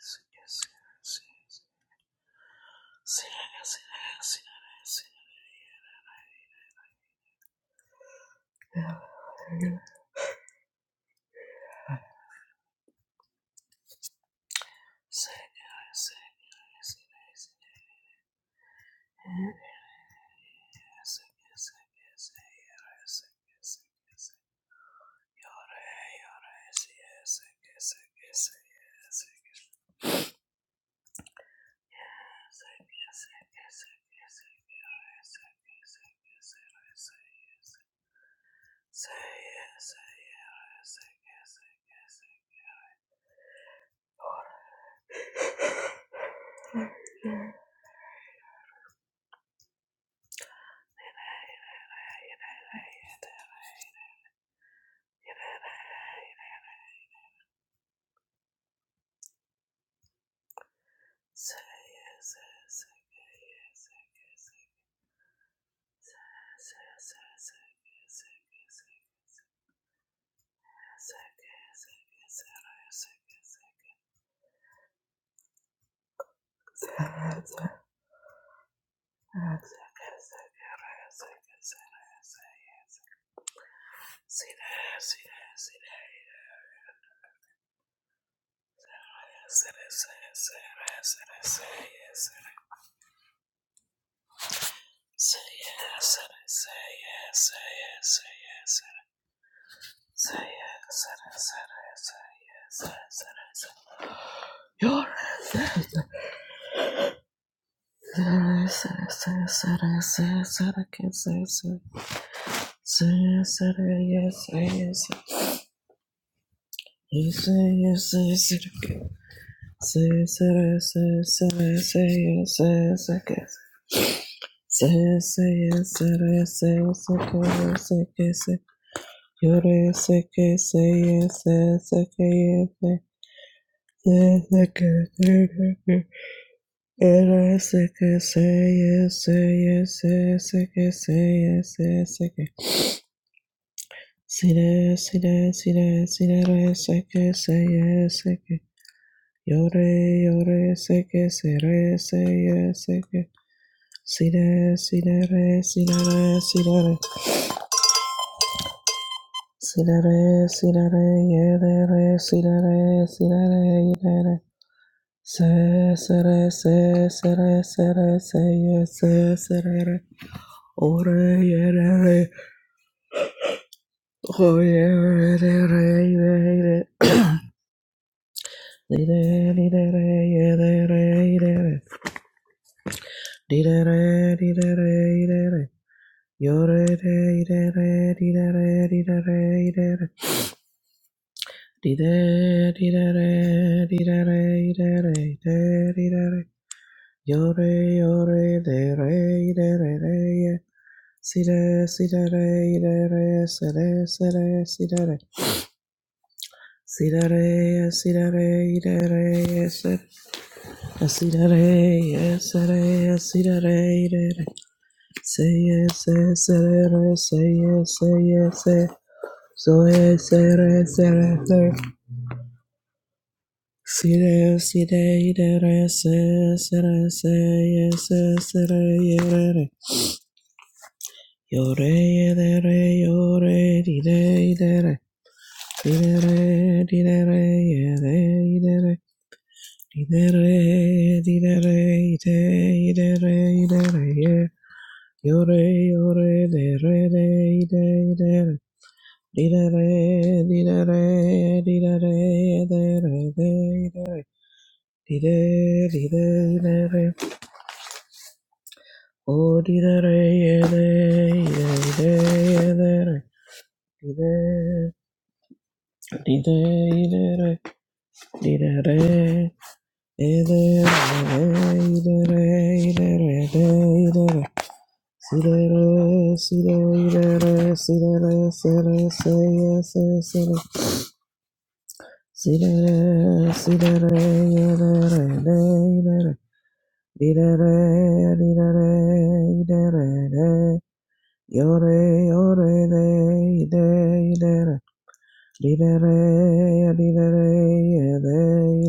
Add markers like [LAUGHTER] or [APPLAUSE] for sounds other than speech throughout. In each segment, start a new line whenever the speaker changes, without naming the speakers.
Say yes, say yes, say yes, say yes. Yes. Say yes, and I say yes, say yes, say yes, say yes, and I say yes, say yes, and I say yes. You're yes, and I say yes, and I say yes, and I can say yes, and- say yes, and I yes, say yes, and- you say yes, say yes, and I can say yes, and I say yes, and I say yes, say yes, I can say yes, say yes, and I say yes, I can say yes, I can say yes. Yore seke seye se seke ye se se seke se seke. Yore seke seye seye se ye se seke seye se seke. Sire sire sire sire re seke seye seke. Yore yore seke sere seye seke. Sire sire re sire re sire re. Sire re sire re yere re re sire re sire re yere re. re. Se sere se sere sere se ye se sere re. ore ye re re o ye re re re re re di re di re re ye re re di re re di re re di re re di re re yo re re di re re di re re di re re di re re di re di re re di re re di re re di re di re re yo re yo re de re di re re re ye Si re si re re re re si re si re si re re si re re si re re re re si si re re si re si Sidere, sidere, idere, sere, sere, sidere. Sidere, sidere, si sere. Sidere, yes, sere, si idere. Seye, se, sere, seye, seye, se. Zoe, si sere, sere. Sire, sire, si se, sere, seye, se, sere, idere. Yore, idere, yore, idere, idere. Dee-da-da, dee-da-da, yeah-da, dee-da-da, dee-da-da, dee-da-da, yeah-da, dee-da-da, dee-da-da, yeah. Yo-re, yo-re, da yeah re yo re de re de, de, de-da. Dee-da-da, dee-da-da, dee-da-da, de-re, de, de. Dee-da, dee-da, dee-da-da. Oh, dee-da-da, yeah-da, yeah-da, yeah-da, dee-da. Dee-da, dee-da-da, dee-da-da. Yore,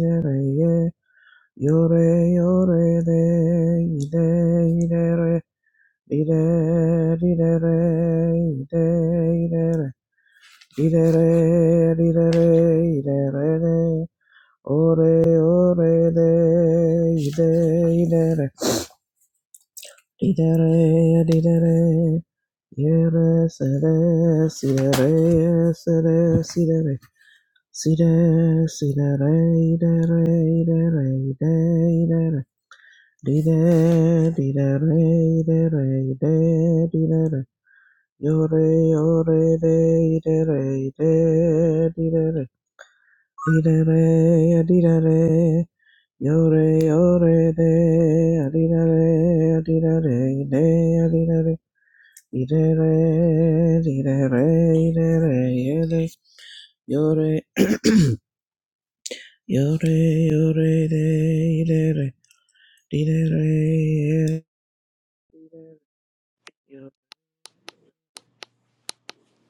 yore, Yore, yore, de, ide, ide, re, ide, ide, re, ide, ide, re, ide, re, ide, re, ide, re, de, ore, ore, de, ide, ide, re, ide, re, ide, re, yere, sere, sire, sere, sire, re, sire, sire, re, ide, re, ide, re, ide, ide, re, Di da di da re, da re, de, di da re. Yo re, yo re, de, da re, de, di da re. Di da re, ya, di de, re. Yo re, yo re, de, ya, di da re, ya, di de, re, de, ya, di de, re. Di da re, di da re, di da re, ye, de. Yo re, yo re, yo re, de, di da re. Di da re, ye,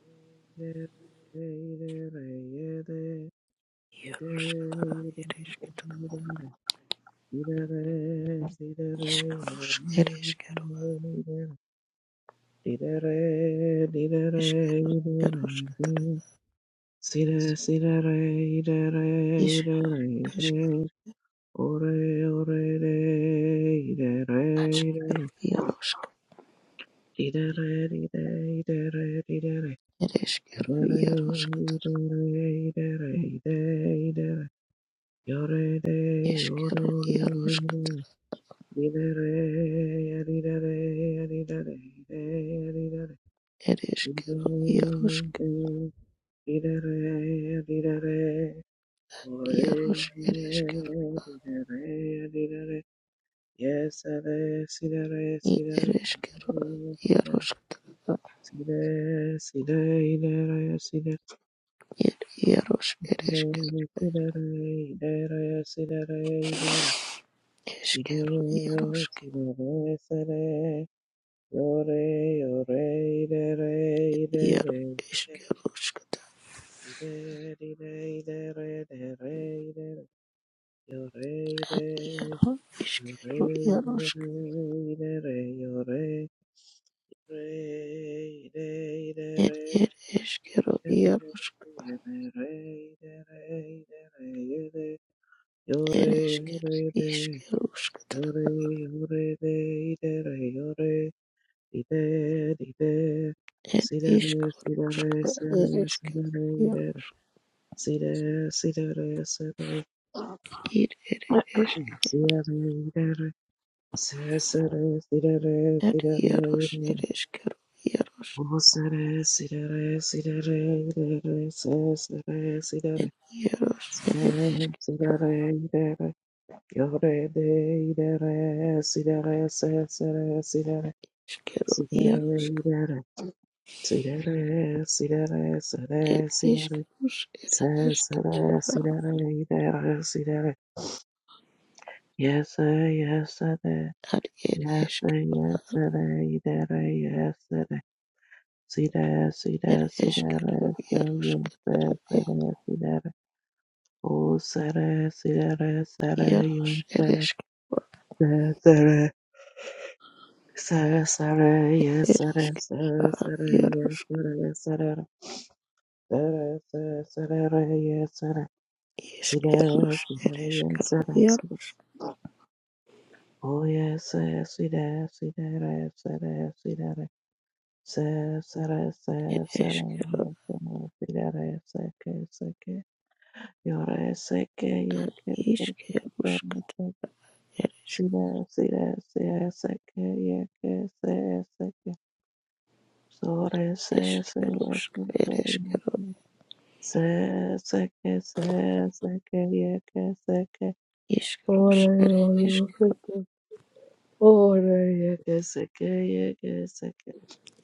Ore,
Ishkarushka ereshkigaru eshkigaru yarushka tara ishkaru ereshkigaru ashkigaru yarushka ereshkigaru yarushka tara
Yorede,
eshkigaru
yorede,
yarushka
didere, didere, didere, didere,
ereshkigaru yarushka
didere, didere, didere, ore,
yarush ereshkigaru
didere, didere, yesere, sidere,
i
sidere,
ereshkigaru
sidere,
yarushka tara
sidere, sidere, idere, sidere,
ir
sidere, idere, idere, sidere, Yore, yore,
ir išgeriu
yore,
išgeriu užkadar
yore, yore, yore, yore, Sire, sire,
ir
sire,
iškaru
sire,
užkadar ir
sire,
išgeriu
sire, sire, sire, sire.
ir ir ir iš
Sirere, sirere, sirere,
ir ierus
sirere.
ir išgeriu ierus
Oh, sirere, sirere, sirere, sirere, sirere,
ir
sirere.
ierus ir išgeriu
Sirere, sirere, yore de, sirere, sirere, sirere,
išgeriu
sirere. See that ass, see that ass, see that ass, see that ass, ass, that ass, see that ass, eat that ass, see that ass. Yes, sir, yes, sir, that.
ar ir
Yes, sir,
išgeriu
yes, sir, that. Eat that ass, yes, sir, that. See that ass, see that
ir
ass, see that
išgeriu
ass, sir,
ierus
yes, sir,
kadar
sir,
ir
that, see that ass. Oh, sir, that, see that ass, sir, that,
ierus
yes,
ir
sir, that.
išgeriu
Sir, sir, that. Sir, sir, that, yes,
ir
sir, that. Sir, sir, that,
išgeriu ierus
yes, sir, that, sir, that. Yes, sir, See that, see that, and see that, see that. Oh yes, yes, see that, see that, yes, see that, see that, yes. see that, see that, see that, see that, see that, yes, see that, see that, you're a see that, yeah, see that,
Ishkerushk, ereshk,
see that, see that, see that, see that, see that, yeah, see that, see that. So
ishkerushk, ereshkeru,
yes, yes, yes, okay, yeah, okay. see that, see that, see that, see that, yeah, okay, see that.
ishkerushk,
Ore,
ereshk,
ore, Ore yeke seke yeke seke.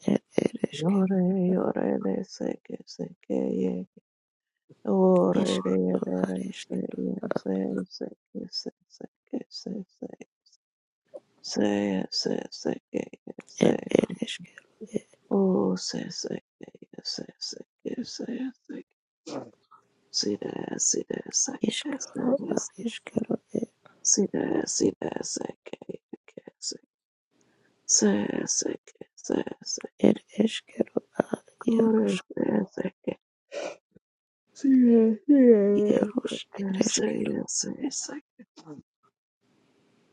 er, ereshkeru,
Yore yore de seke seke yeke. Ore de
ishkeru,
yore de
areshk,
se ye se seke se seke se se. Se ye se seke ye se
er,
se.
ereshkeru, er,
O se seke ye se seke se ye seke. Sida sida seke se
ishkeru,
ye se.
areshkeru,
Sida sida seke yeke se. Se seke se se.
er, ereshkeru, ar,
Kore
yarushk,
se seke. Sì, sì,
yarushk,
sì,
ereshkeru,
sì, sì, sì.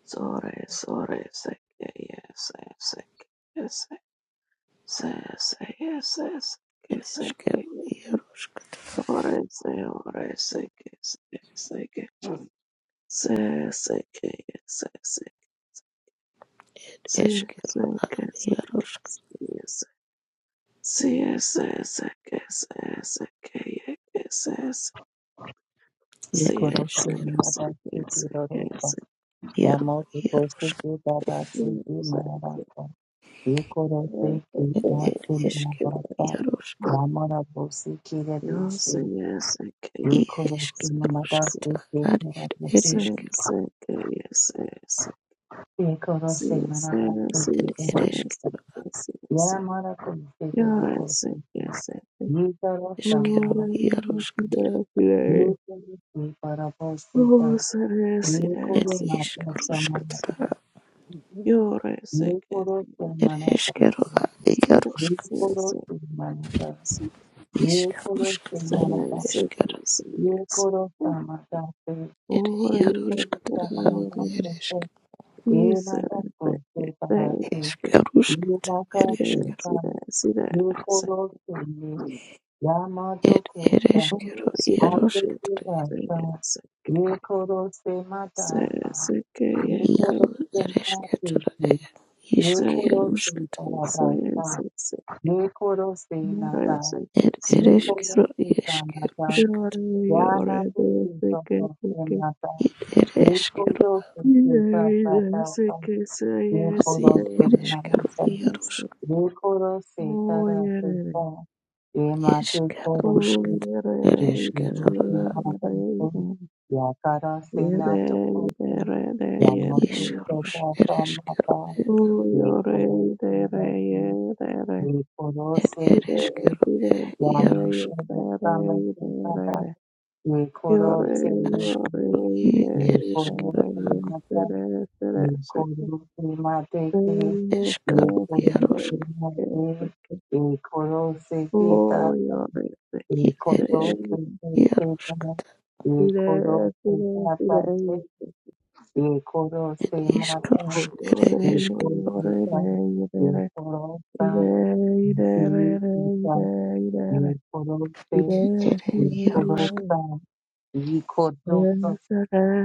Sorry, sorry, sì, sì, sì, sì, sì, sì, sì, sì, sì, sì,
ereshkeru,
sì.
yarushk,
Ora sì, ora sì, che sì, sì, che sì, sì, che sì,
er,
sì, sì,
eshkeru,
sì,
ar,
che sì, che
yarushk,
sì, sì, sì, sì, che sì, sì, che sì,
er,
sì, sì,
Ikorosi
sì,
eshkeru,
Mada Siti
sì, che sì,
Roroko
yaru,
Yamoto
yarushk,
Kosuke Dada Siti
sì, sì,
Maraka Ikorosi
er,
Kitaki
ereshkeru,
Mabasa
yarushk,
Yamara Bosi Kirisi Ikorosi
ishkerushk,
Mada Siti
ar, er,
Maraka
ereshkeru,
Ikorosi Mada
Ed
Siti
ereşk
Roroko Yamara Kosuke Roroko Ikorosa
eşkero
Mada Siti
yaroşkatara.
Dorosa Ikorosi Parabosi
Ed eşk
Ikorosi Mada Siti
ruşkatara.
Ye koro se
Ed
manata.
eşkero a
Ye
yaroşk.
koro se manata.
İşk
Ye koro se
ruşkatara.
manata.
Ed eşkero.
Ye koro se manata.
He
Ed
Ye koro se
yaroşkatara.
manata.
Ed eşk.
Ye
said,
nada ko se parate.
Eşk
Ye
ruşkat.
naka
Ed
see
se
that,
eşkero.
sa.
see that, see that,
Ye
I said,
koro se ye.
Ed
Yamato ko sa.
oh,
ereşkero
see that,
Ate
yaroşk.
see
se
that,
da
see that,
sa.
see
Ye koro se mata.
that,
Ye koro
Yaro
se mate.
ereşkatara. Ed
Ye
işk
koro se
ruşkat.
see that,
parata. Nekoro senata,
see
Ed
nekoro
that,
ereşkero eşk
senata,
ruşkat.
yana puti soto senata,
Ed ereşkero.
nekoro senata tata, nekoro
Ed ereşkero
senata,
yaroşk.
nekoro setara seta, emate koro
Eşk
se,
Oh, you're sick.
nekoro
ereshkigal,
senata se, yakara senato ote,
et
yamato
ishkarush,
seta
ereshkigal,
samata, nekoro senata, nekoro
et
senata,
ereshkigal,
Thank you.
yarushk, ashk, i ereshkigal, eshkaru,
Sick.
yarushk,
Sick.
i ereshk, yarushk,
Sick. Sick.
et ishkarush,
Oh,
ere eshk, ere yarushk,
Ikorosa, ikotosa,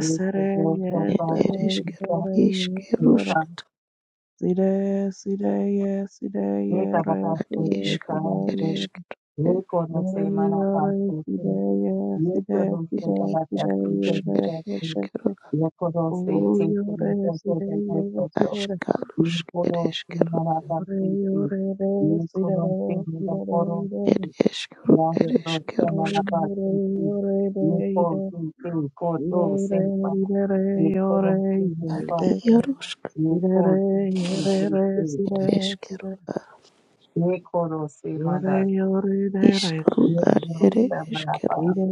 ikorosa,
et ereshkigal,
kakutusa, ika,
ishkarushk, et
ikarabasa,
ishkaru,
ikarase,
ereshkigal,
ikorose, marabasa, ikorose, karabasa,
eshkarush,
ikarabasa,
ere eshkigal,
ikorose, tete, tete, tete, tete,
ashkarush,
ikorose,
ereshkigal,
marabasa,
Ore ore re si re
ikorose,
re si re re re sira
mirakorose,
re.
et eshkaru,
National Cinema
ereshkigarushk,
City,
Ore ore re
Nico
ire
City,
si re
Koto
re
Cinema,
ire re ore
Nico
ire ire
City,
si re re
Nico
ire
City
re si
City,
re si
Eskero
re.
a
Nico
Ore
Cinema,
ore re re
iskaru
si ki
ar
si
Nico Cinema,
ere eskero
ire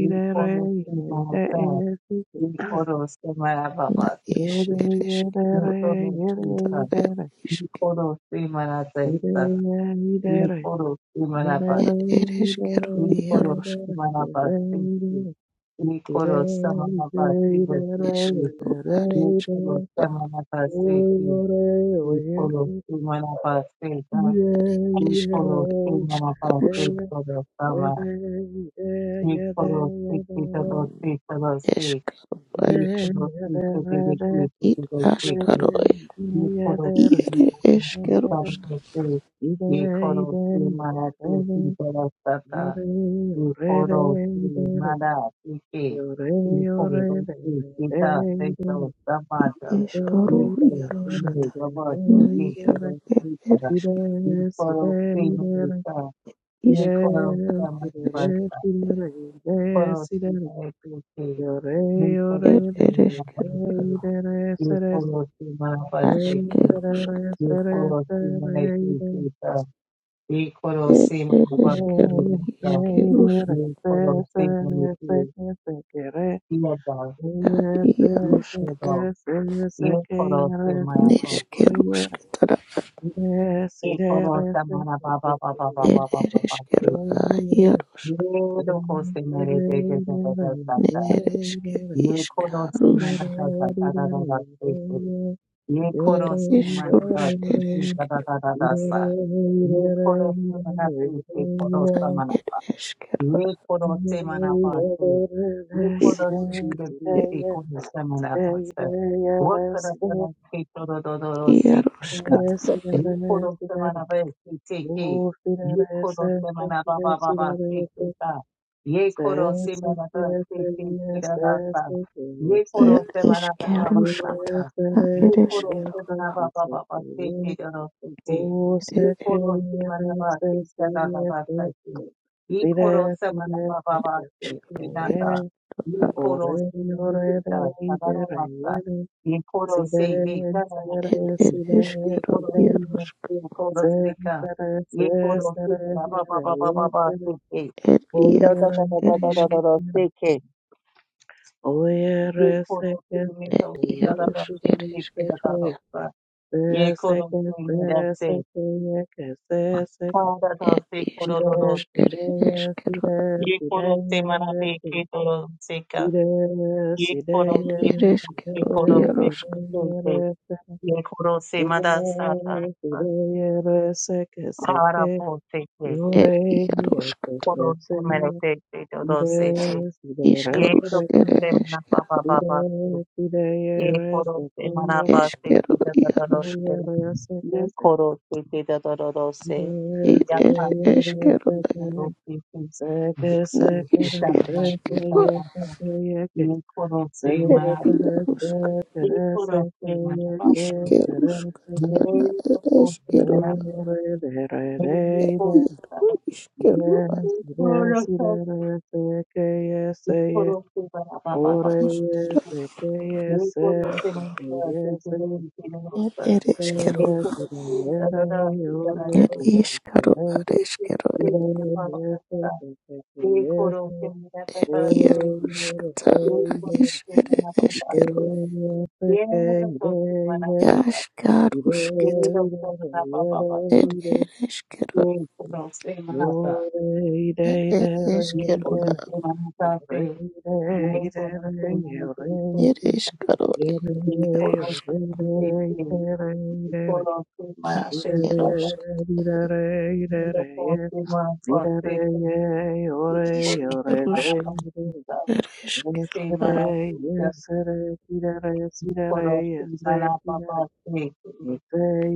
ire re
Cinema, Nico
ire
Cinema
ire ire si ki.
Nico Cinema, Nico
na
Cinema
is
Ore
ere
ire re ire ire
eskero
re ire ire ire re ire re ire re
ta er isk
Nico
er er eskero
Inikoro
iarosk
ire re ire re.
samanabhasiti. Inikoro
Yeah,
samanabhasiti.
eskaru ar esk
Inikoro
a
samanabhasiti. Inikoro samanabhasita.
esk
Inikoro
eskerusk
samanabhasita sama. Inikoro sikita dosita dosi.
eskaru ar esk
Inikoro sikita dosita
it
dositi.
askaro er
Inikoro
iere
samanabhasita
eskerusk
dosi. Inikoro samanabhasita dosata. Ikoro si mara tiki. Ikoro si kita seto samada.
eskaru
Ikoro si
iarosk
me
ta
baba
na
tiki
iar
koro
er
si
er
para.
esk
Yes,
Ikoro si me sa.
isk
Ikoro sama
esk
basta. Ikoro si me tiki.
er
Ikoro si
er
me
eskero
basta. Ikoro si me basta.
askerusk
Ikoro si me tiki sa. Ikoro
er
si me
er eskero
basta.
iskerusk
Ikoro si me tiki. Yes, God. Yes,
Yarushk
God. Yes, God. my God.
neshkerushk tara
Yes, it
Yes,
is.
God.
Yes,
Say my na ba ba ba ba ba
er
ba ba ba ba. Say
ereshkero
say.
a yarushk
Yes, God. Say my re re re re re re sa
ne
sa.
ereshke
Yes, God. Say
ishkarush
my na sa sa sa da da da. Say say. Yes, God. Say my na
ishkarush
da say da da
ereshkero
da da
it
da Yes, God. Say my na say say. God. Say my
er eshkero a
Ye koro se manapase. Ye
is.
koro se dire di
ereshk
se koro se manapase. Wotara tara se toro dodoro se
yarushk
kita.
tara
Ye koro se manabe se teke. Ye koro se manababa baba se
Yes,
kita. Ye koro
Sire,
se manaba se te kira rasa. Ye koro
er
se manababa baba ba,
eshkerushk
ba ba.
tara
Ye koro
ereshkero
se manababa baba se te doro se te. Ye
er
koro se manaba se kada rasa ye koro sama na baba ba
ereshkero
seki nata
a
ye koro se ne nikita sadaro nasa ye koro se ne kana no
er
seki ye
ereshkero
koro se ne
yarushk
ye koro se ka ye koro se ne na baba ba ba ba ba seki
er
ye da
yar
da da da da da da
ereshk
da da seki ye
Oyere
koro se
seke
ne
er
seke
to se da da
yere
da
yarush
seke
seki se da
ereshkero
da da
seke
sa
se
ye koro
seke
se ne da
se
se
seke yeke se
ka
seke
da da
er
se koro
sire
do do
ishkarush
se
er
sire ye
eshkero
sire
ye
sire
koro se mara
yere
pe
sire
ke do do se ka.
sire
Ye
sire
koro
ed
se
yere sire
ye
ereskero
koro se
iarosk
sire
se se
yere se
ye koro se mada sa sa
sire
sa
sire yere seke
para
seke
po se se
yore
ed
ye
iarosk
seke
koro se
se
mere
sire
te te do do
sire
se te
re
ye
iskarus
do ko
seke
ere
se mana pa
esker
pa pa pa se
sire sire
ye
yere
koro se mana pa
seke
se te
eskero
da da da do
iarosk
se
Yes,
ye koro se te da da da do se
id
ya pa
ere
se se
eskero
se se do se se ye
na
se se
is
da da da se da
ereskero
da da ye koro se
ed
mana
iarosk
ye koro se mana pa se
iskerusk
Yes,
na ereskero iaro iskero ad eskero ed ereskero ed iskaro ad eskero ed
Yes.
iarosk na is ere eskero Jaskarusketa, ed ereskero It it is
ये
Kero.
कौन से मानता से ये कौन से मानते से
It
से
is Kero.
ये कौन
Kerusk.
से मानते से ये कौन से
As
मानते सादा
Kerusk.
ये तो कौन से मानता से ये
Is
कौन से
Kerusk.
मानता से
It is
से
Kero.
Yesterday,
मानते से
yesterday, yesterday, yesterday,
कौन से
yesterday,
माना पापा से ये
yesterday,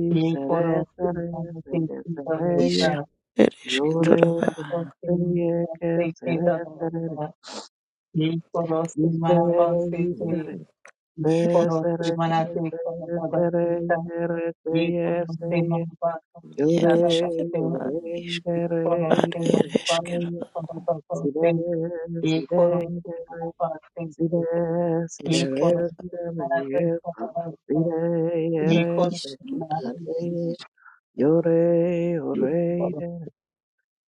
कौन
yesterday,
से
yesterday,
मानते से
yesterday,
Is
yesterday,
दोस्ता
it is
ये
Kero.
Yore,
तो कौन से
seye,
मानता
que
से के
sere, sere,
दोस्ता ये कौन से
iste,
माना पापा से
istere,
ये
se,
It it
कौन से
sere, que
मनाते हैं, कौन
se,
दादा
sere,
से का
yere,
ये
seye,
कौन से
seye,
मन बात की
it
दादा
is
yore,
करते हैं,
Kero.
yore,
Is
कौन
idere,
at
से
it
idere,
मन
is
बात
Kero.
seye,
कौन दादा
sire,
करते हैं, ये कौन
sire,
से
ire,
मन बात से
Si
करते
de,
हैं,
si de
ये
Is
कौन
Kero.
re, si
से
de re,
मनाते हैं, कौन दादा
si
करते
de ye
हैं, ये
It
re,
कौन
se
is
से
ke ke
at
मनाते
ke
हैं,
ye.
it
Yo re, yo re, i
कौन
de re.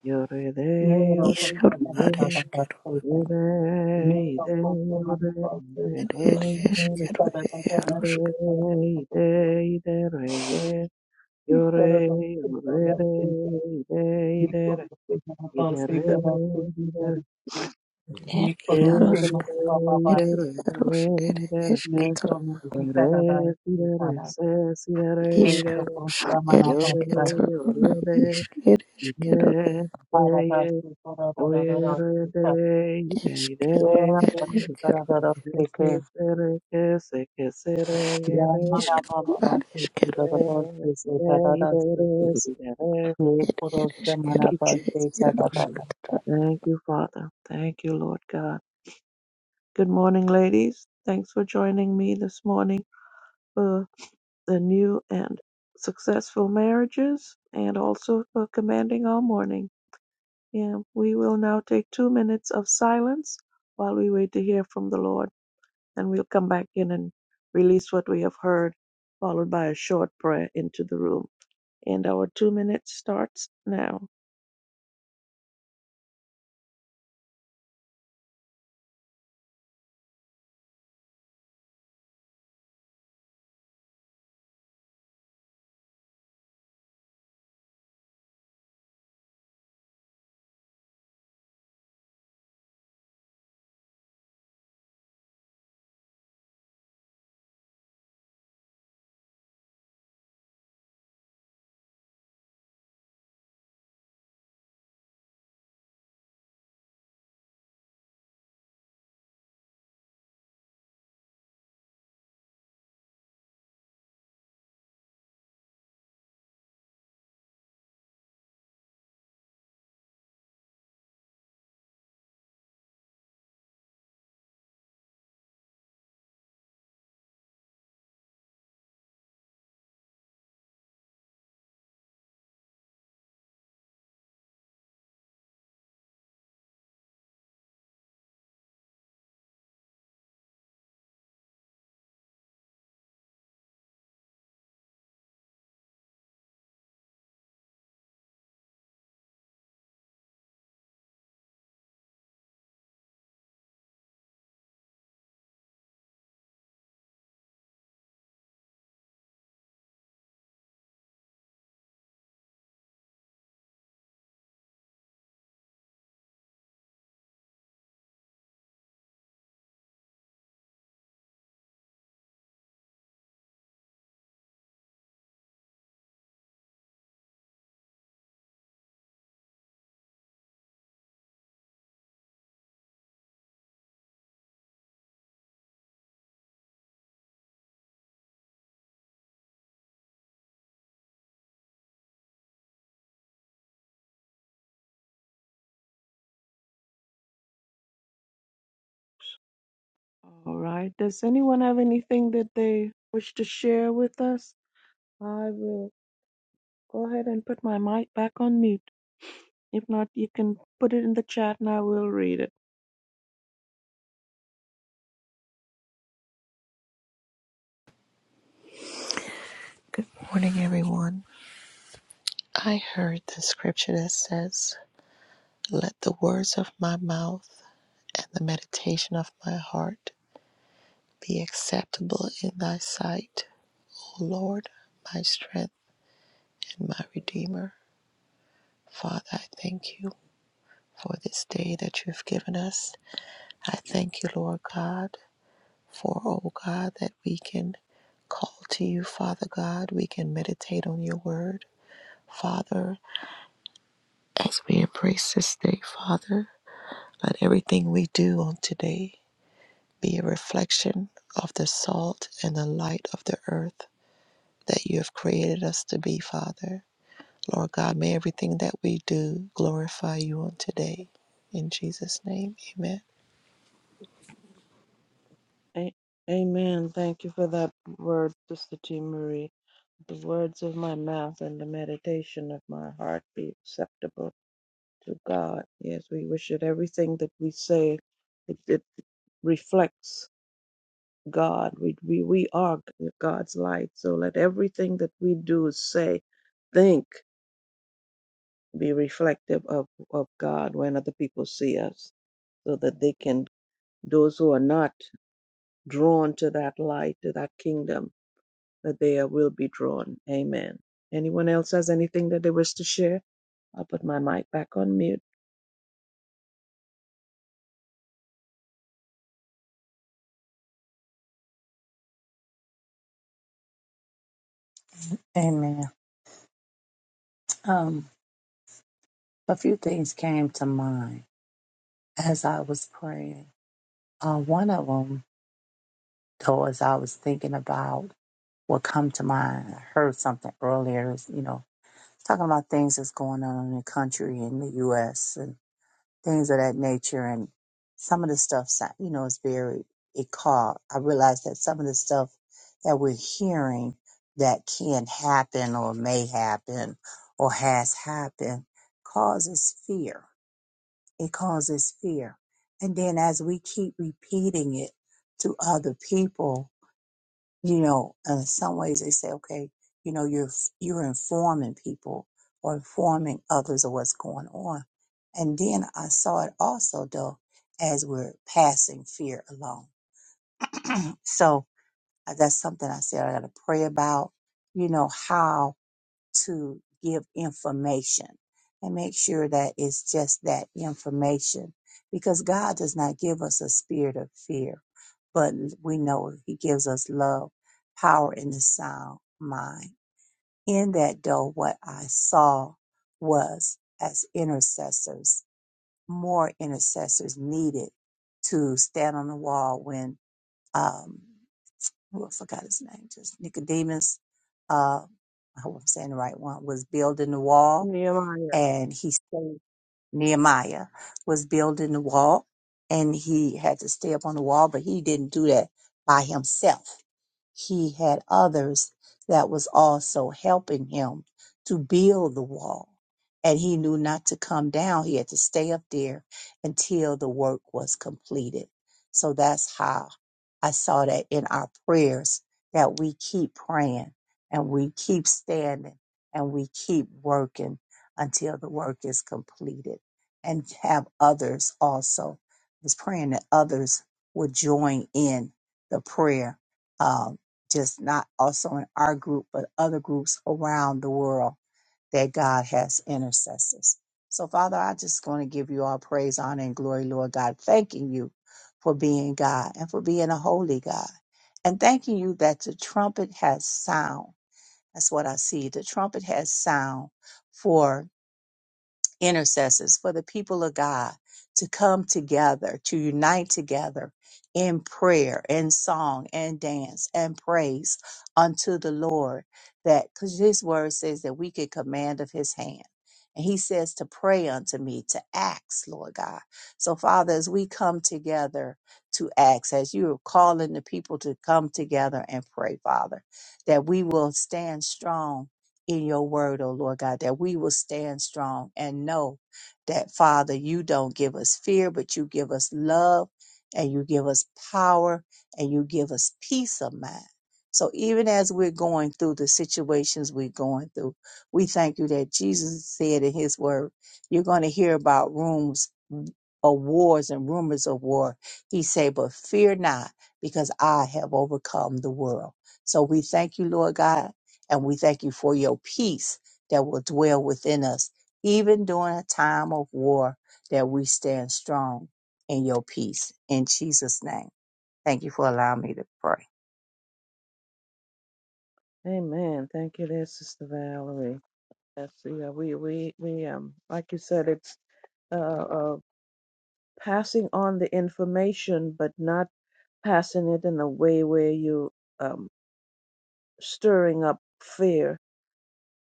Yo re de,
ये
yo
रोको
re
is Kero. Is
de
Kero
दादा
ye.
at
दादा
is Kero.
करते
Ye
हैं,
de,
ये
i de,
रोको से
yo
मन
re de re
बात
de,
से
It it is Kero.
दादा दादा करते
Yarusk.
हैं,
i de re. I de, i de, i de re ye. Yo re,
दादा
yo re
दादा
de,
करते हैं,
i de, i
एक
de re.
करोड़ से मेरा
I
पास
de
से
re,
करा से करा
It
एक
E
करोड़ से
Yarusk.
मेरा पापा
It
पास से
Yarusk. It
i de re.
is
एक
Kero.
करोड़ से करा था
Re, si,
से
re, re,
खाना
se, si, re, re,
एक
ishq
re, re.
Crore
ushq
का मना
Yo,
पास
re,
का
yo,
na
re, re,
ishq
i, re,
ereshkero
हरा
re,
था
ye.
से करा था
O,
था
ye,
था था
re,
से था
re, i, re, i,
ereshkero
re,
तेरा
i,
था से
re, re.
करा
ereshkero
था था
Se,
से के
ke, se, re, ke, se, ke, se, re, ye,
या
re, re,
हमारा
re,
ishq
बाबा पास से से
areshkero
था था था
re.
से
Si,
से
re,
था था
i,
था
re,
से से
re, si, re, re.
एक
er
करोड़ से
Thank
मना
ereshkero
you,
पास
er-
से
Jesus.
करा था था था
yaroshkatara.
Thank you, Father. Thank you, Lord God. Good morning, ladies. Thanks for joining me this morning. for the new and successful marriages and also for commanding our morning. Yeah, we will now take two minutes of silence while we wait to hear from the Lord, and we'll come back in and release what we have heard, followed by a short prayer into the room. And our two minutes starts now. All right. Does anyone have anything that they wish to share with us? I will go ahead and put my mic back on mute. If not, you can put it in the chat and I will read it.
Good morning, everyone. I heard the scripture that says, "Let the words of my mouth and the meditation of my heart be acceptable in Thy sight, O Lord, my strength and my redeemer." Father, I thank you for this day that you have given us. I thank you, Lord God, for, oh God, that we can call to you, Father God. We can meditate on your word, Father, as we embrace this day, Father. Let everything we do on today be a reflection of the salt and the light of the earth that you have created us to be, Father. Lord God, may everything that we do glorify you on today. In Jesus' name, amen.
A- Amen. Thank you for that word, Sister T. Marie. The words of my mouth and the meditation of my heart be acceptable to God. Yes, we wish that everything that we say, it, it reflects God. We, we, we are God's light. So let everything that we do, say, think, be reflective of, of God when other people see us so that they can Those who are not drawn to that light, to that kingdom, that they are- will be drawn. Amen. Anyone else has anything that they wish to share? I'll put my mic back on mute.
Amen. Um, a few things came to mind as I was praying. Uh, one of them, though, as I was thinking about what come to mind, I heard something earlier, is, you know, talking about things that's going on in the country in the U.S. and things of that nature. And some of the stuff, sa- you know, is very, it caught. I realized that some of the stuff that we're hearing that can happen or may happen or has happened causes fear it causes fear. And then as we keep repeating it to other people, you know, in some ways they say, okay, you know, you're you're informing people or informing others of what's going on. And then I saw it also though as we're passing fear along. So uh, that's something I said I got to pray about. You know how to give information and make sure that it's just that information because God does not give us a spirit of fear, but we know He gives us love, power, and a sound mind. In that, though, what I saw was as intercessors, more intercessors needed to stand on the wall when. um, who I forgot his name, just Nicodemus, uh, I hope I'm saying the right one, was building the wall
Nehemiah.
and he stayed. Nehemiah was building the wall and he had to stay up on the wall, but he didn't do that by himself. He had others that was also helping him to build the wall. And he knew not to come down. He had to stay up there until the work was completed. So that's how I saw that in our prayers that we keep praying and we keep standing and we keep working until the work is completed and have others also. I was praying that others would join in the prayer, um, just not also in our group, but other groups around the world that God has intercessors. So, Father, I just going to give you all praise, honor, and glory, Lord God, thanking you for being God and for being a holy God. And thanking you that the trumpet has sound. That's what I see. The trumpet has sound for intercessors, for the people of God to come together, to unite together in prayer and song and dance and praise unto the Lord. That because his word says that we could command of his hand. And he says to pray unto me, to ask, Lord God. So, Father, as we come together to ask, as you are calling the people to come together and pray, Father, that we will stand strong in your word, oh Lord God, that we will stand strong and know that, Father, you don't give us fear, but you give us love and you give us power and you give us peace of mind. So even as we're going through the situations we're going through, we thank you that Jesus said in his word, you're going to hear about rooms of wars and rumors of war. He said, but fear not because I have overcome the world. So we thank you, Lord God and we thank you for your peace that will dwell within us, even during a time of war, that we stand strong in your peace. In Jesus' name. Thank you for allowing me to pray.
Amen. Thank you, there, Sister Valerie. Yes, yeah, we we we um, like you said, it's uh, uh passing on the information, but not passing it in a way where you um stirring up fear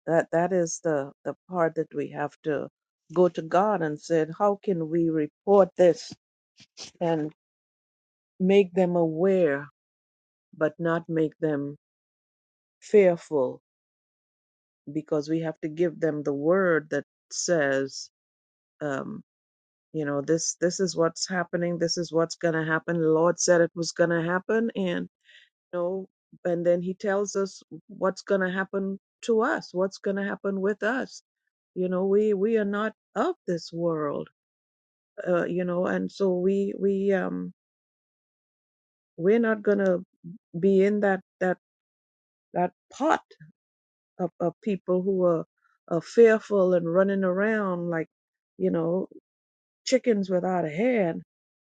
that that is the the part that we have to go to god and said how can we report this and make them aware but not make them fearful because we have to give them the word that says um you know this this is what's happening this is what's going to happen the lord said it was going to happen and you know and then he tells us what's going to happen to us what's going to happen with us you know we we are not of this world uh, you know and so we we um we're not gonna be in that that that pot of, of people who are, are fearful and running around like you know chickens without a head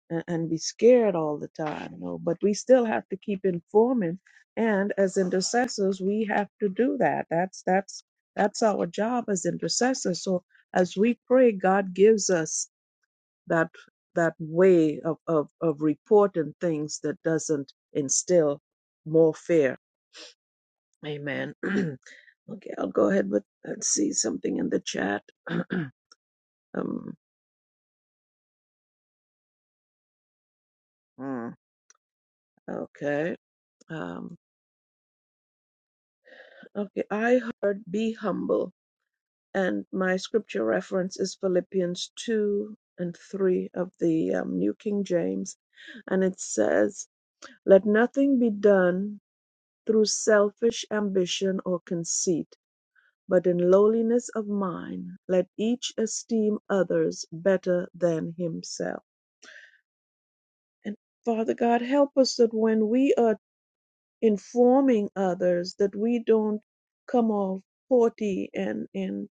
and, and be scared all the time you know but we still have to keep informing and as intercessors we have to do that that's that's that's our job as intercessors so as we pray god gives us that that way of, of, of reporting things that doesn't instill more fear. Amen. [CLEARS THROAT] okay, I'll go ahead with let's see something in the chat. [CLEARS THROAT] um, mm, okay. Um, okay, I heard be humble, and my scripture reference is Philippians 2 and 3 of the um, New King James, and it says, Let nothing be done through selfish ambition or conceit but in lowliness of mind let each esteem others better than himself. And Father God, help us that when we are informing others, that we don't come off haughty and, and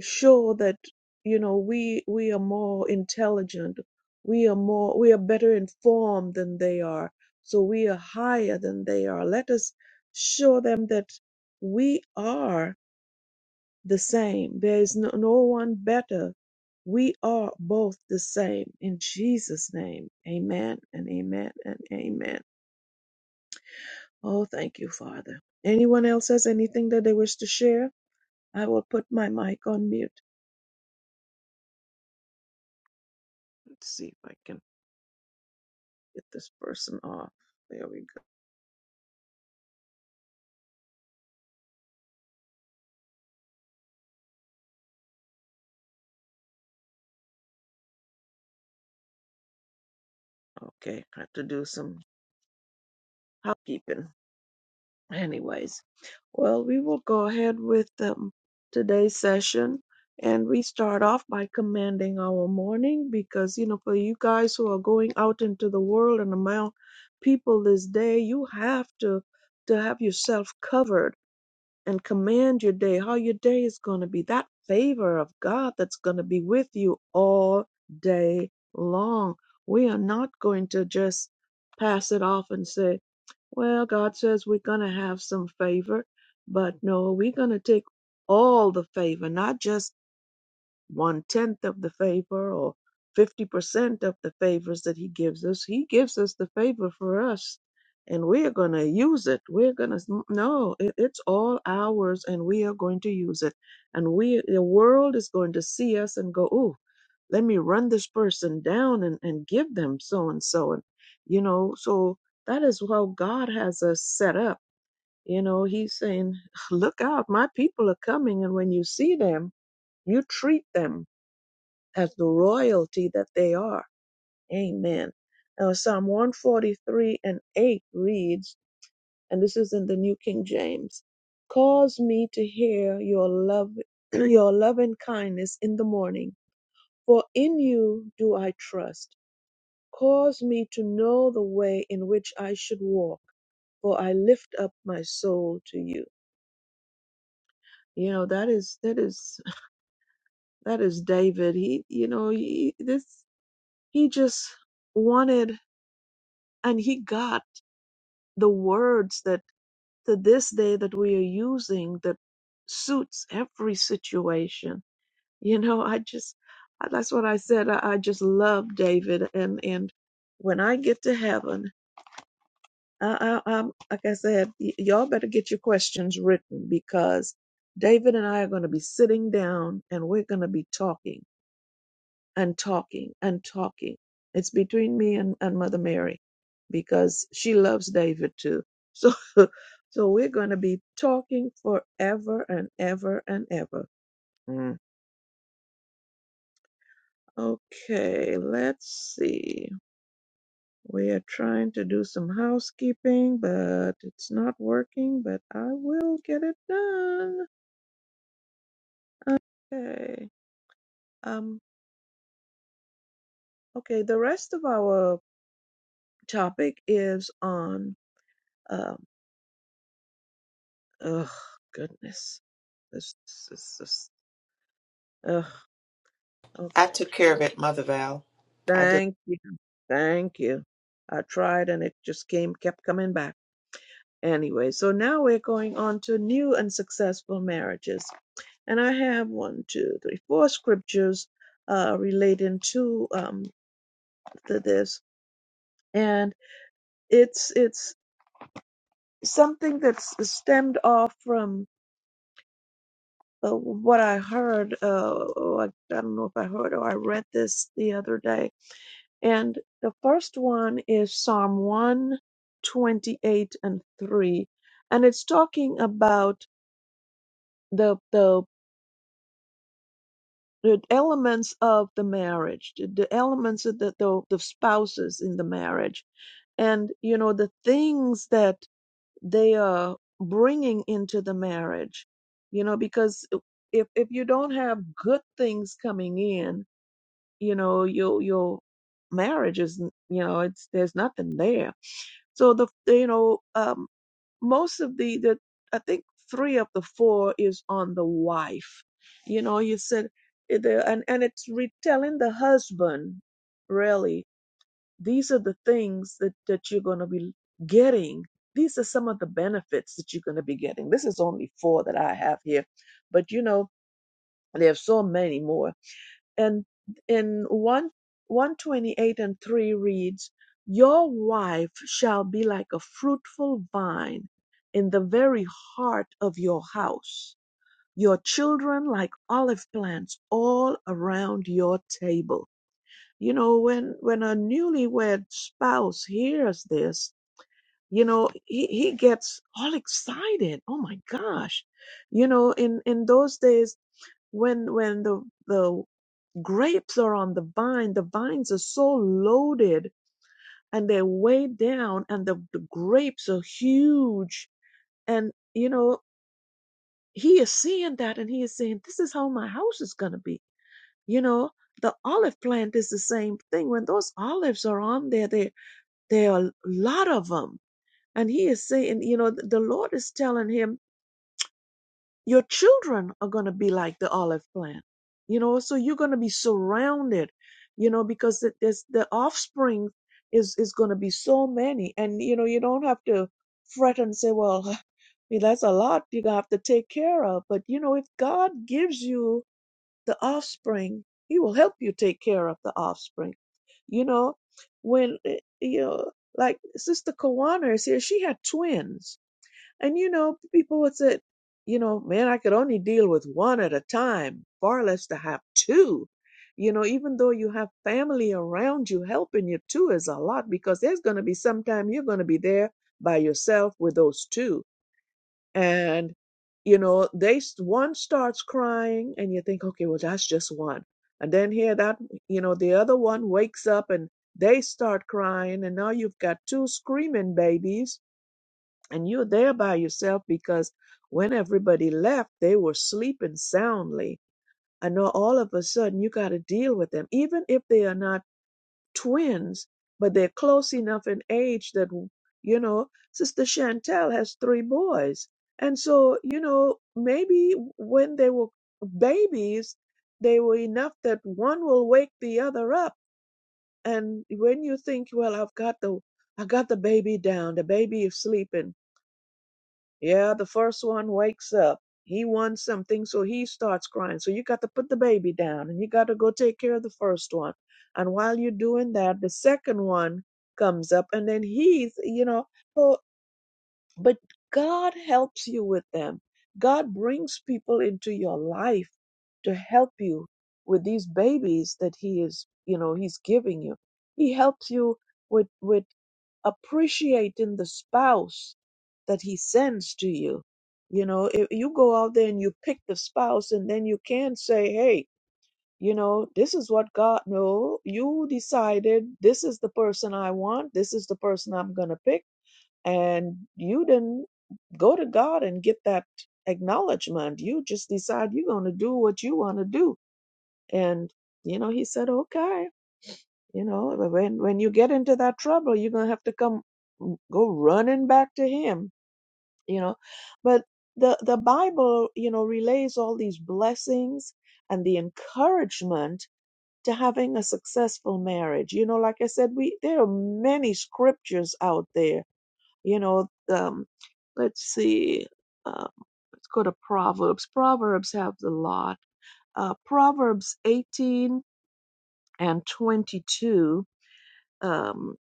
show that, you know, we, we are more intelligent. We are more, we are better informed than they are. So we are higher than they are. Let us show them that we are the same. There is no, no one better. We are both the same. In Jesus' name, amen and amen and amen. Oh, thank you, Father. Anyone else has anything that they wish to share? I will put my mic on mute. Let's see if I can get this person off. There we go. Okay, I have to do some housekeeping. Anyways, well, we will go ahead with um, today's session. And we start off by commanding our morning because, you know, for you guys who are going out into the world and among people this day, you have to to have yourself covered and command your day, how your day is going to be, that favor of God that's going to be with you all day long. We are not going to just pass it off and say, well, God says we're going to have some favor, but no, we're going to take all the favor, not just one tenth of the favor or 50% of the favors that he gives us. He gives us the favor for us and we are going to use it. We're going to, no, it, it's all ours and we are going to use it. And we, the world is going to see us and go, oh, let me run this person down and, and give them so and so. And, you know, so that is how God has us set up. You know, he's saying, look out, my people are coming. And when you see them, you treat them as the royalty that they are. Amen. Now, Psalm 143 and 8 reads, and this is in the New King James Cause me to hear your love, [CLEARS THROAT] your loving kindness in the morning, for in you do I trust. Cause me to know the way in which I should walk, for I lift up my soul to you. You know, that is, that is, [LAUGHS] that is David. He, you know, he, this, he just wanted and he got the words that to this day that we are using that suits every situation. You know, I just I- that's what I said. I, I just love David, and and when I get to heaven, I, I, I'm like I said, y- y'all better get your questions written because David and I are going to be sitting down and we're going to be talking and talking and talking. It's between me and, and Mother Mary because she loves David too. So [LAUGHS] so we're gonna be talking forever and ever and ever. Mm. Okay, let's see. We are trying to do some housekeeping, but it's not working, but I will get it done. Okay. Um okay, the rest of our topic is on um, Oh goodness. This is just, ugh,
I
okay.
took care
We-
of it, Mother Val. I did.
Thank you. Thank you. I tried and it just came, kept coming back. Anyway, so now we're going on to new and successful marriages. And I have one, two, three, four scriptures uh, relating to um, to this. And it's it's something that's stemmed off from. But what I heard, uh, like, I don't know if I heard or I read this the other day. And the first one is Psalm 128 and 3. And it's talking about the, the, the elements of the marriage, the, the elements of the, the, the spouses in the marriage. And, you know, the things that they are bringing into the marriage, you know, because if, if you don't have good things coming in, you know your your marriage is n- you know it's there's nothing there so the you know um most of the the i think three of the four is on the wife you know you said it there and and it's retelling the husband really these are the things that that you're going to be getting these are some of the benefits that you're going to be getting this is only four that i have here but you know there's so many more and in 1 128 and 3 reads your wife shall be like a fruitful vine in the very heart of your house your children like olive plants all around your table you know when when a newlywed spouse hears this you know he, he gets all excited oh my gosh you know in in those days when when the the Grapes are on the vine. The vines are so loaded and they're weighed down, and the, the grapes are huge. And, you know, he is seeing that and he is saying, This is how my house is going to be. You know, the olive plant is the same thing. When those olives are on there, there, there are a lot of them. And he is saying, You know, the Lord is telling him, your children are going to be like the olive plant you know so you're going to be surrounded you know because the, there's the offspring is is going to be so many and you know you don't have to fret and say well [LAUGHS] I mean, that's a lot you're going to have to take care of but you know if god gives you the offspring he will help you take care of the offspring you know when eh, you know like sister kawana is here she had twins and you know, people would say, you know, man, I could only deal with one at a time, far less to have two. You know, even though you have family around you helping you, two is a lot because there's going to be sometime you're going to be there by yourself with those two. And, you know, they, one starts crying and you think, okay, well, that's just one. And then here that, you know, the other one wakes up and they start crying. And now you've got two screaming babies and you're there by yourself because when everybody left, they were sleeping soundly. And now all of a sudden, you got to deal with them, even if they are not twins, but they're close enough in age that, you know, Sister Chantel has three boys. And so, you know, maybe when they were babies, they were enough that one will wake the other up. And when you think, well, I've got the I got the baby down, the baby is sleeping yeah, the first one wakes up. He wants something, so he starts crying. So you got to put the baby down and you got to go take care of the first one. And while you're doing that, the second one comes up and then he's, you know, so, but God helps you with them. God brings people into your life to help you with these babies that he is, you know, he's giving you. He helps you with with appreciating the spouse that he sends to you. You know, if you go out there and you pick the spouse, and then you can say, hey, you know, this is what God, no, you decided this is the person I want, this is the person I'm going to pick. And you didn't go to God and get that acknowledgement. You just decide you're going to do what you want to do. And, you know, he said, okay. You know, when when you get into that trouble, you're gonna have to come go running back to him, you know. But the the Bible, you know, relays all these blessings and the encouragement to having a successful marriage. You know, like I said, we there are many scriptures out there. You know, um, let's see, um, let's go to Proverbs. Proverbs have the lot. Uh, Proverbs 18 and 22. Um,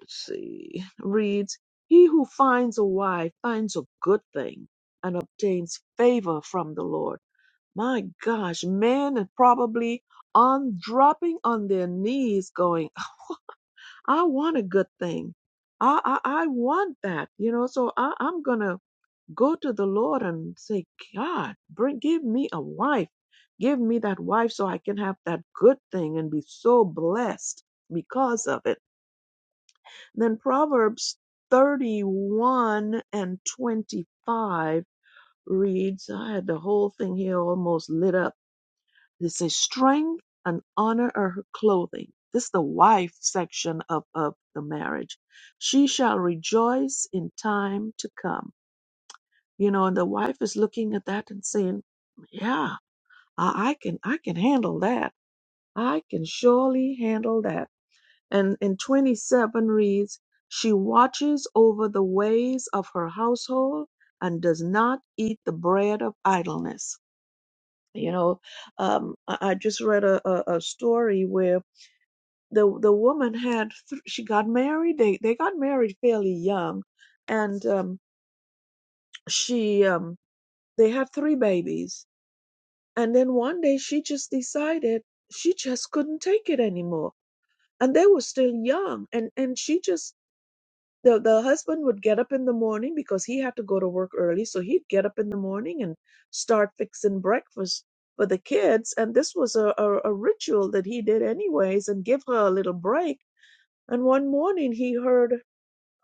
let's see, reads, He who finds a wife finds a good thing and obtains favor from the Lord. My gosh, men are probably on dropping on their knees going, I want a good thing. I, I, I want that, you know, so I, I'm going to go to the Lord and say, God, bring, give me a wife. Give me that wife so I can have that good thing and be so blessed because of it then Proverbs 31 and 25 reads, I had the whole thing here almost lit up. It says, Strength and honor are her clothing. This is the wife section of, of the marriage. She shall rejoice in time to come. You know, and the wife is looking at that and saying, Yeah, I, I can I can handle that. I can surely handle that. And in 27 reads, She watches over the ways of her household and does not eat the bread of idleness. You know, um, I, I just read a, a, a story where the the woman had th- she got married. They they got married fairly young, and um, she um, they had three babies. And then one day she just decided she just couldn't take it anymore. And they were still young, and and she just the the husband would get up in the morning because he had to go to work early so he'd get up in the morning and start fixing breakfast for the kids and this was a, a, a ritual that he did anyways and give her a little break and one morning he heard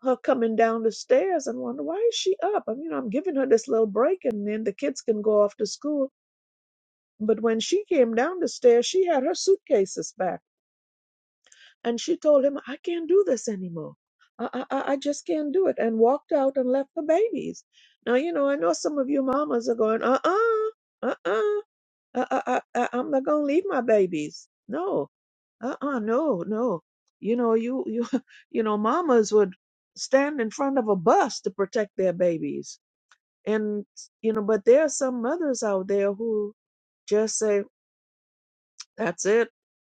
her coming down the stairs and wonder why is she up i mean i'm giving her this little break and then the kids can go off to school but when she came down the stairs she had her suitcases back and she told him, I can't do this anymore. I, I, I just can't do it. And walked out and left the babies. Now, you know, I know some of you mamas are going, uh uh, uh uh, uh uh, uh, I'm not going to leave my babies. No, uh uh, no, no. You know, you, you, [LAUGHS] you know, mamas would stand in front of a bus to protect their babies. And, you know, but there are some mothers out there who just say, that's it,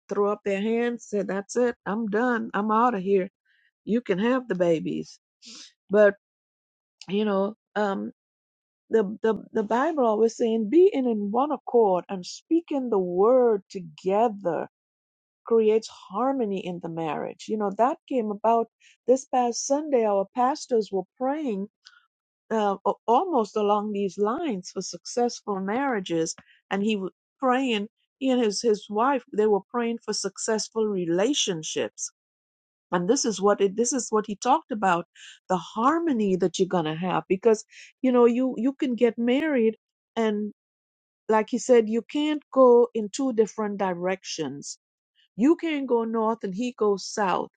throw up their hands, say, that's it, I'm done, I'm out of here you can have the babies. But you know, um, the the the Bible always saying, "Be in, in one accord and speaking the word together." creates harmony in the marriage. You know, that came about this past Sunday. Our pastors were praying uh, a- almost along these lines for successful marriages. And he was praying, he and his, his wife, they were praying for successful relationships and this is what it, this is what he talked about the harmony that you're gonna have because you know you you can get married and like he said you can't go in two different directions you can't go north and he goes south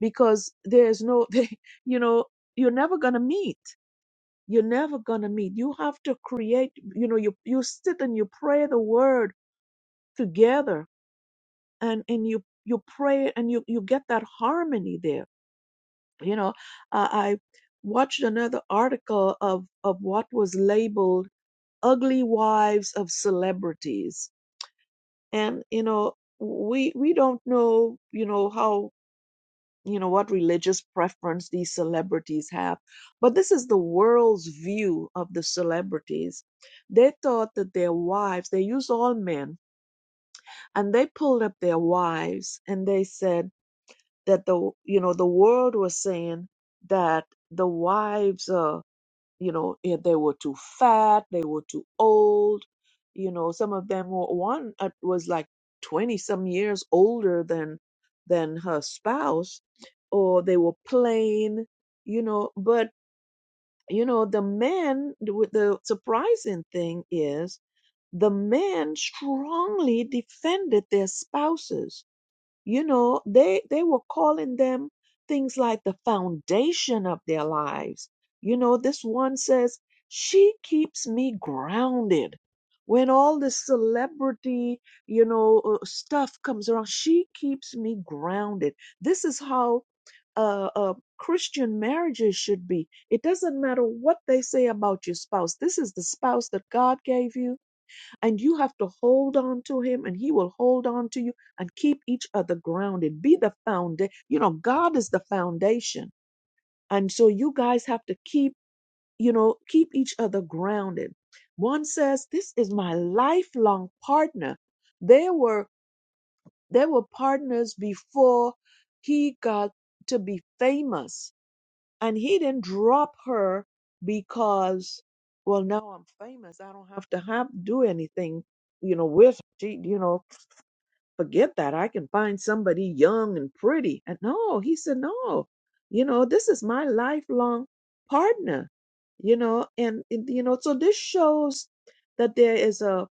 because there's no [LAUGHS] you know you're never gonna meet you're never gonna meet you have to create you know you you sit and you pray the word together and and you you pray and you you get that harmony there you know i i watched another article of of what was labeled ugly wives of celebrities and you know we we don't know you know how you know what religious preference these celebrities have but this is the world's view of the celebrities they thought that their wives they used all men and they pulled up their wives and they said that the you know the world was saying that the wives are you know if they were too fat they were too old you know some of them were one uh, was like 20 some years older than than her spouse or they were plain you know but you know the men the w- the surprising thing is the men strongly defended their spouses you know they they were calling them things like the foundation of their lives you know this one says she keeps me grounded when all the celebrity you know uh, stuff comes around she keeps me grounded this is how uh, uh, Christian marriages should be. It doesn't matter what they say about your spouse. This is the spouse that God gave you and you have to hold on to him and he will hold on to you and keep each other grounded be the foundation you know god is the foundation and so you guys have to keep you know keep each other grounded one says this is my lifelong partner they were they were partners before he got to be famous and he didn't drop her because, well, now I'm famous. I don't have to have do anything, you know, with she, you know, forget that. I can find somebody young and pretty. And no, he said, no, you know, this is my lifelong partner, you know, and, and you know, so this shows that there is a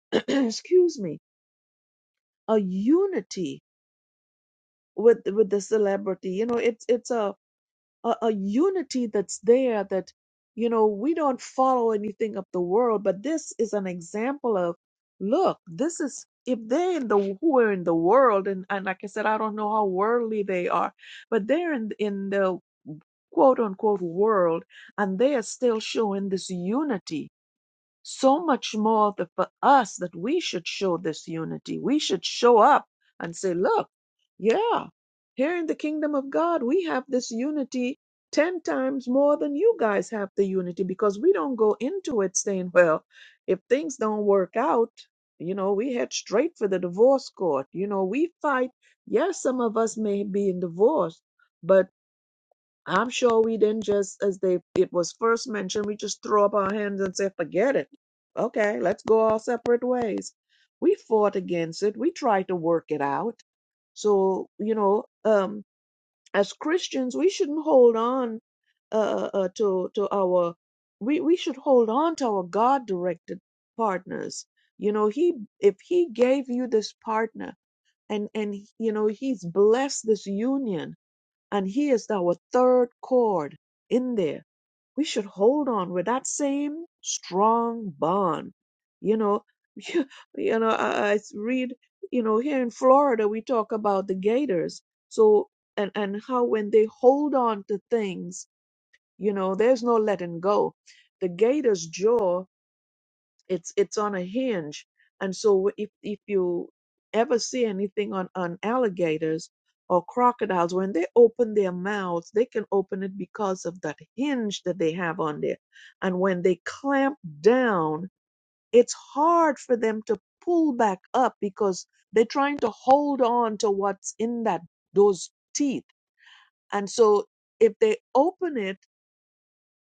[CLEARS THROAT] excuse me, a unity with with the celebrity. You know, it's it's a a, a unity that's there that you know we don't follow anything of the world but this is an example of look this is if they in the who are in the world and, and like i said i don't know how worldly they are but they're in in the quote unquote world and they are still showing this unity so much more the, for us that we should show this unity. We should show up and say, look, yeah, here in the kingdom of God, we have this unity 10 times more than you guys have the unity because we don't go into it saying, well, if things don't work out, you know, we head straight for the divorce court. You know, we fight. Yes, some of us may be in divorce, but..." I'm sure we didn't just, as they it was first mentioned, we just throw up our hands and say, forget it. Okay, let's go our separate ways. We fought against it. We tried to work it out. So you know, um, as Christians, we shouldn't hold on uh, uh, to to our we we should hold on to our God directed partners. You know, he if he gave you this partner and and you know he's blessed this union and he is our third chord in there. We should hold on with that same strong bond. You know, [LAUGHS] you, know, I, I read, you know, here in Florida we talk about the gators. So and and how when they hold on to things, you know, there's no letting go. The gator's jaw it's it's on a hinge and so if if you ever see anything on on alligators or crocodiles when they open their mouths they can open it because of that hinge that they have on there and when they clamp down it's hard for them to pull back up because they're trying to hold on to what's in that those teeth and so if they open it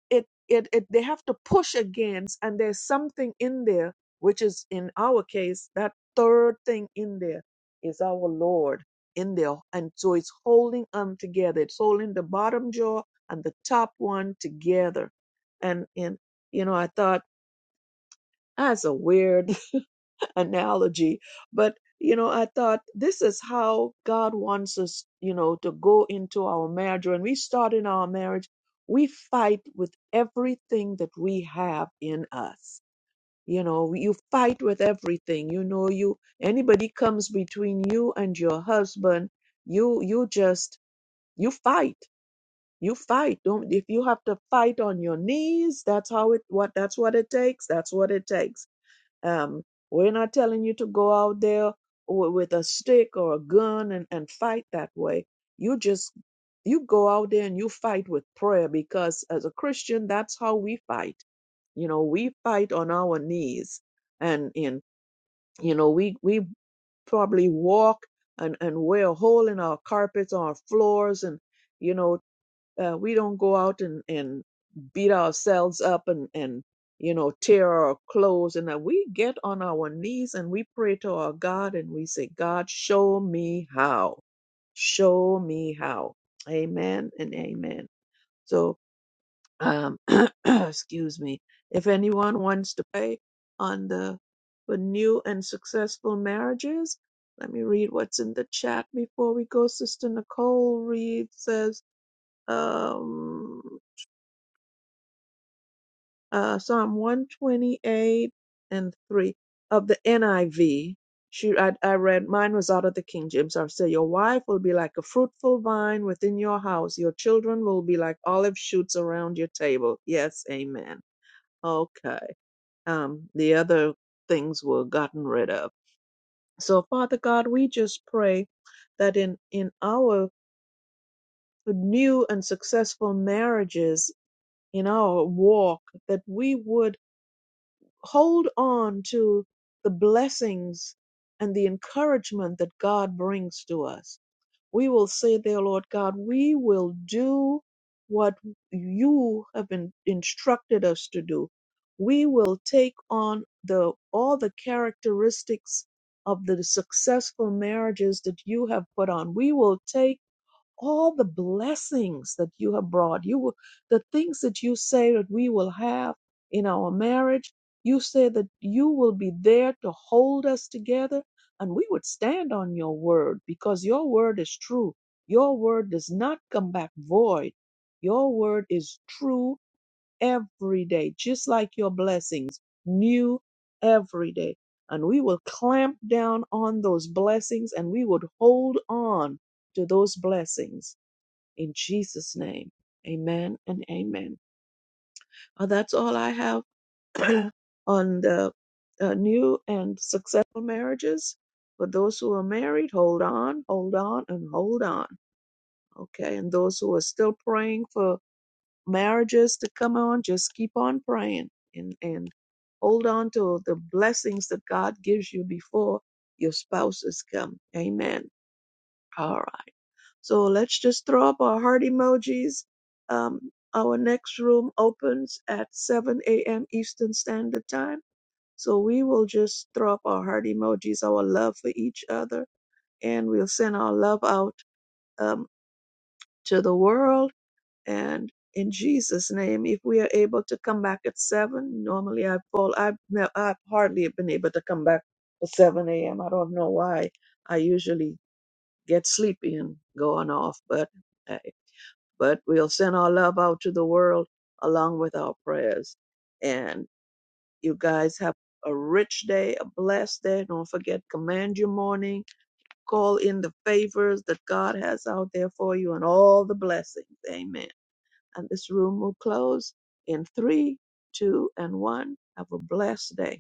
it it, it they have to push against and there's something in there which is in our case that third thing in there is our lord in there and so it's holding them together it's holding the bottom jaw and the top one together and and you know i thought that's a weird [LAUGHS] analogy but you know i thought this is how god wants us you know to go into our marriage when we start in our marriage we fight with everything that we have in us you know you fight with everything you know you anybody comes between you and your husband you you just you fight you fight don't if you have to fight on your knees that's how it what that's what it takes that's what it takes um, we're not telling you to go out there w- with a stick or a gun and, and fight that way. You just you go out there and you fight with prayer because as a Christian, that's how we fight. You know, we fight on our knees and in you know, we we probably walk and, and wear a hole in our carpets our floors and you know uh, we don't go out and, and beat ourselves up and, and, you know, tear our clothes. And that we get on our knees and we pray to our God and we say, God, show me how. Show me how. Amen and amen. So, um, [CLEARS THROAT] excuse me. If anyone wants to pray on the for new and successful marriages, let me read what's in the chat before we go. Sister Nicole reads says, um, uh, Psalm 128 and 3 of the NIV. She, I, I read, mine was out of the King James. I say, Your wife will be like a fruitful vine within your house. Your children will be like olive shoots around your table. Yes, amen. Okay. Um, the other things were gotten rid of. So, Father God, we just pray that in, in our new and successful marriages, in our walk, that we would hold on to the blessings and the encouragement that God brings to us. We will say, There, Lord God, we will do what you have been instructed us to do. We will take on the all the characteristics of the successful marriages that you have put on. We will take all the blessings that you have brought. You will, the things that you say that we will have in our marriage. You say that you will be there to hold us together, and we would stand on your word because your word is true. Your word does not come back void. Your word is true every day, just like your blessings, new every day. And we will clamp down on those blessings and we would hold on to those blessings in Jesus' name, amen and amen. Uh, that's all I have [CLEARS THROAT] on the uh, new and successful marriages. For those who are married, hold on, hold on, and hold on. Okay. And those who are still praying for marriages to come on, just keep on praying and, and hold on to the blessings that God gives you before your spouses come. Amen. All right. So let's just throw up our heart emojis. Um, our next room opens at 7 a.m. Eastern Standard Time. So we will just throw up our heart emojis, our love for each other, and we'll send our love out um, to the world. And in Jesus' name, if we are able to come back at 7, normally I fall, I've, ne- I've hardly been able to come back at 7 a.m. I don't know why. I usually get sleepy and going off. But uh, but we'll send our love out to the world along with our prayers. And you guys have a rich day, a blessed day. Don't forget, command your morning. Call in the favors that God has out there for you and all the blessings. Amen. And this room will close in three, two, and one. Have a blessed day.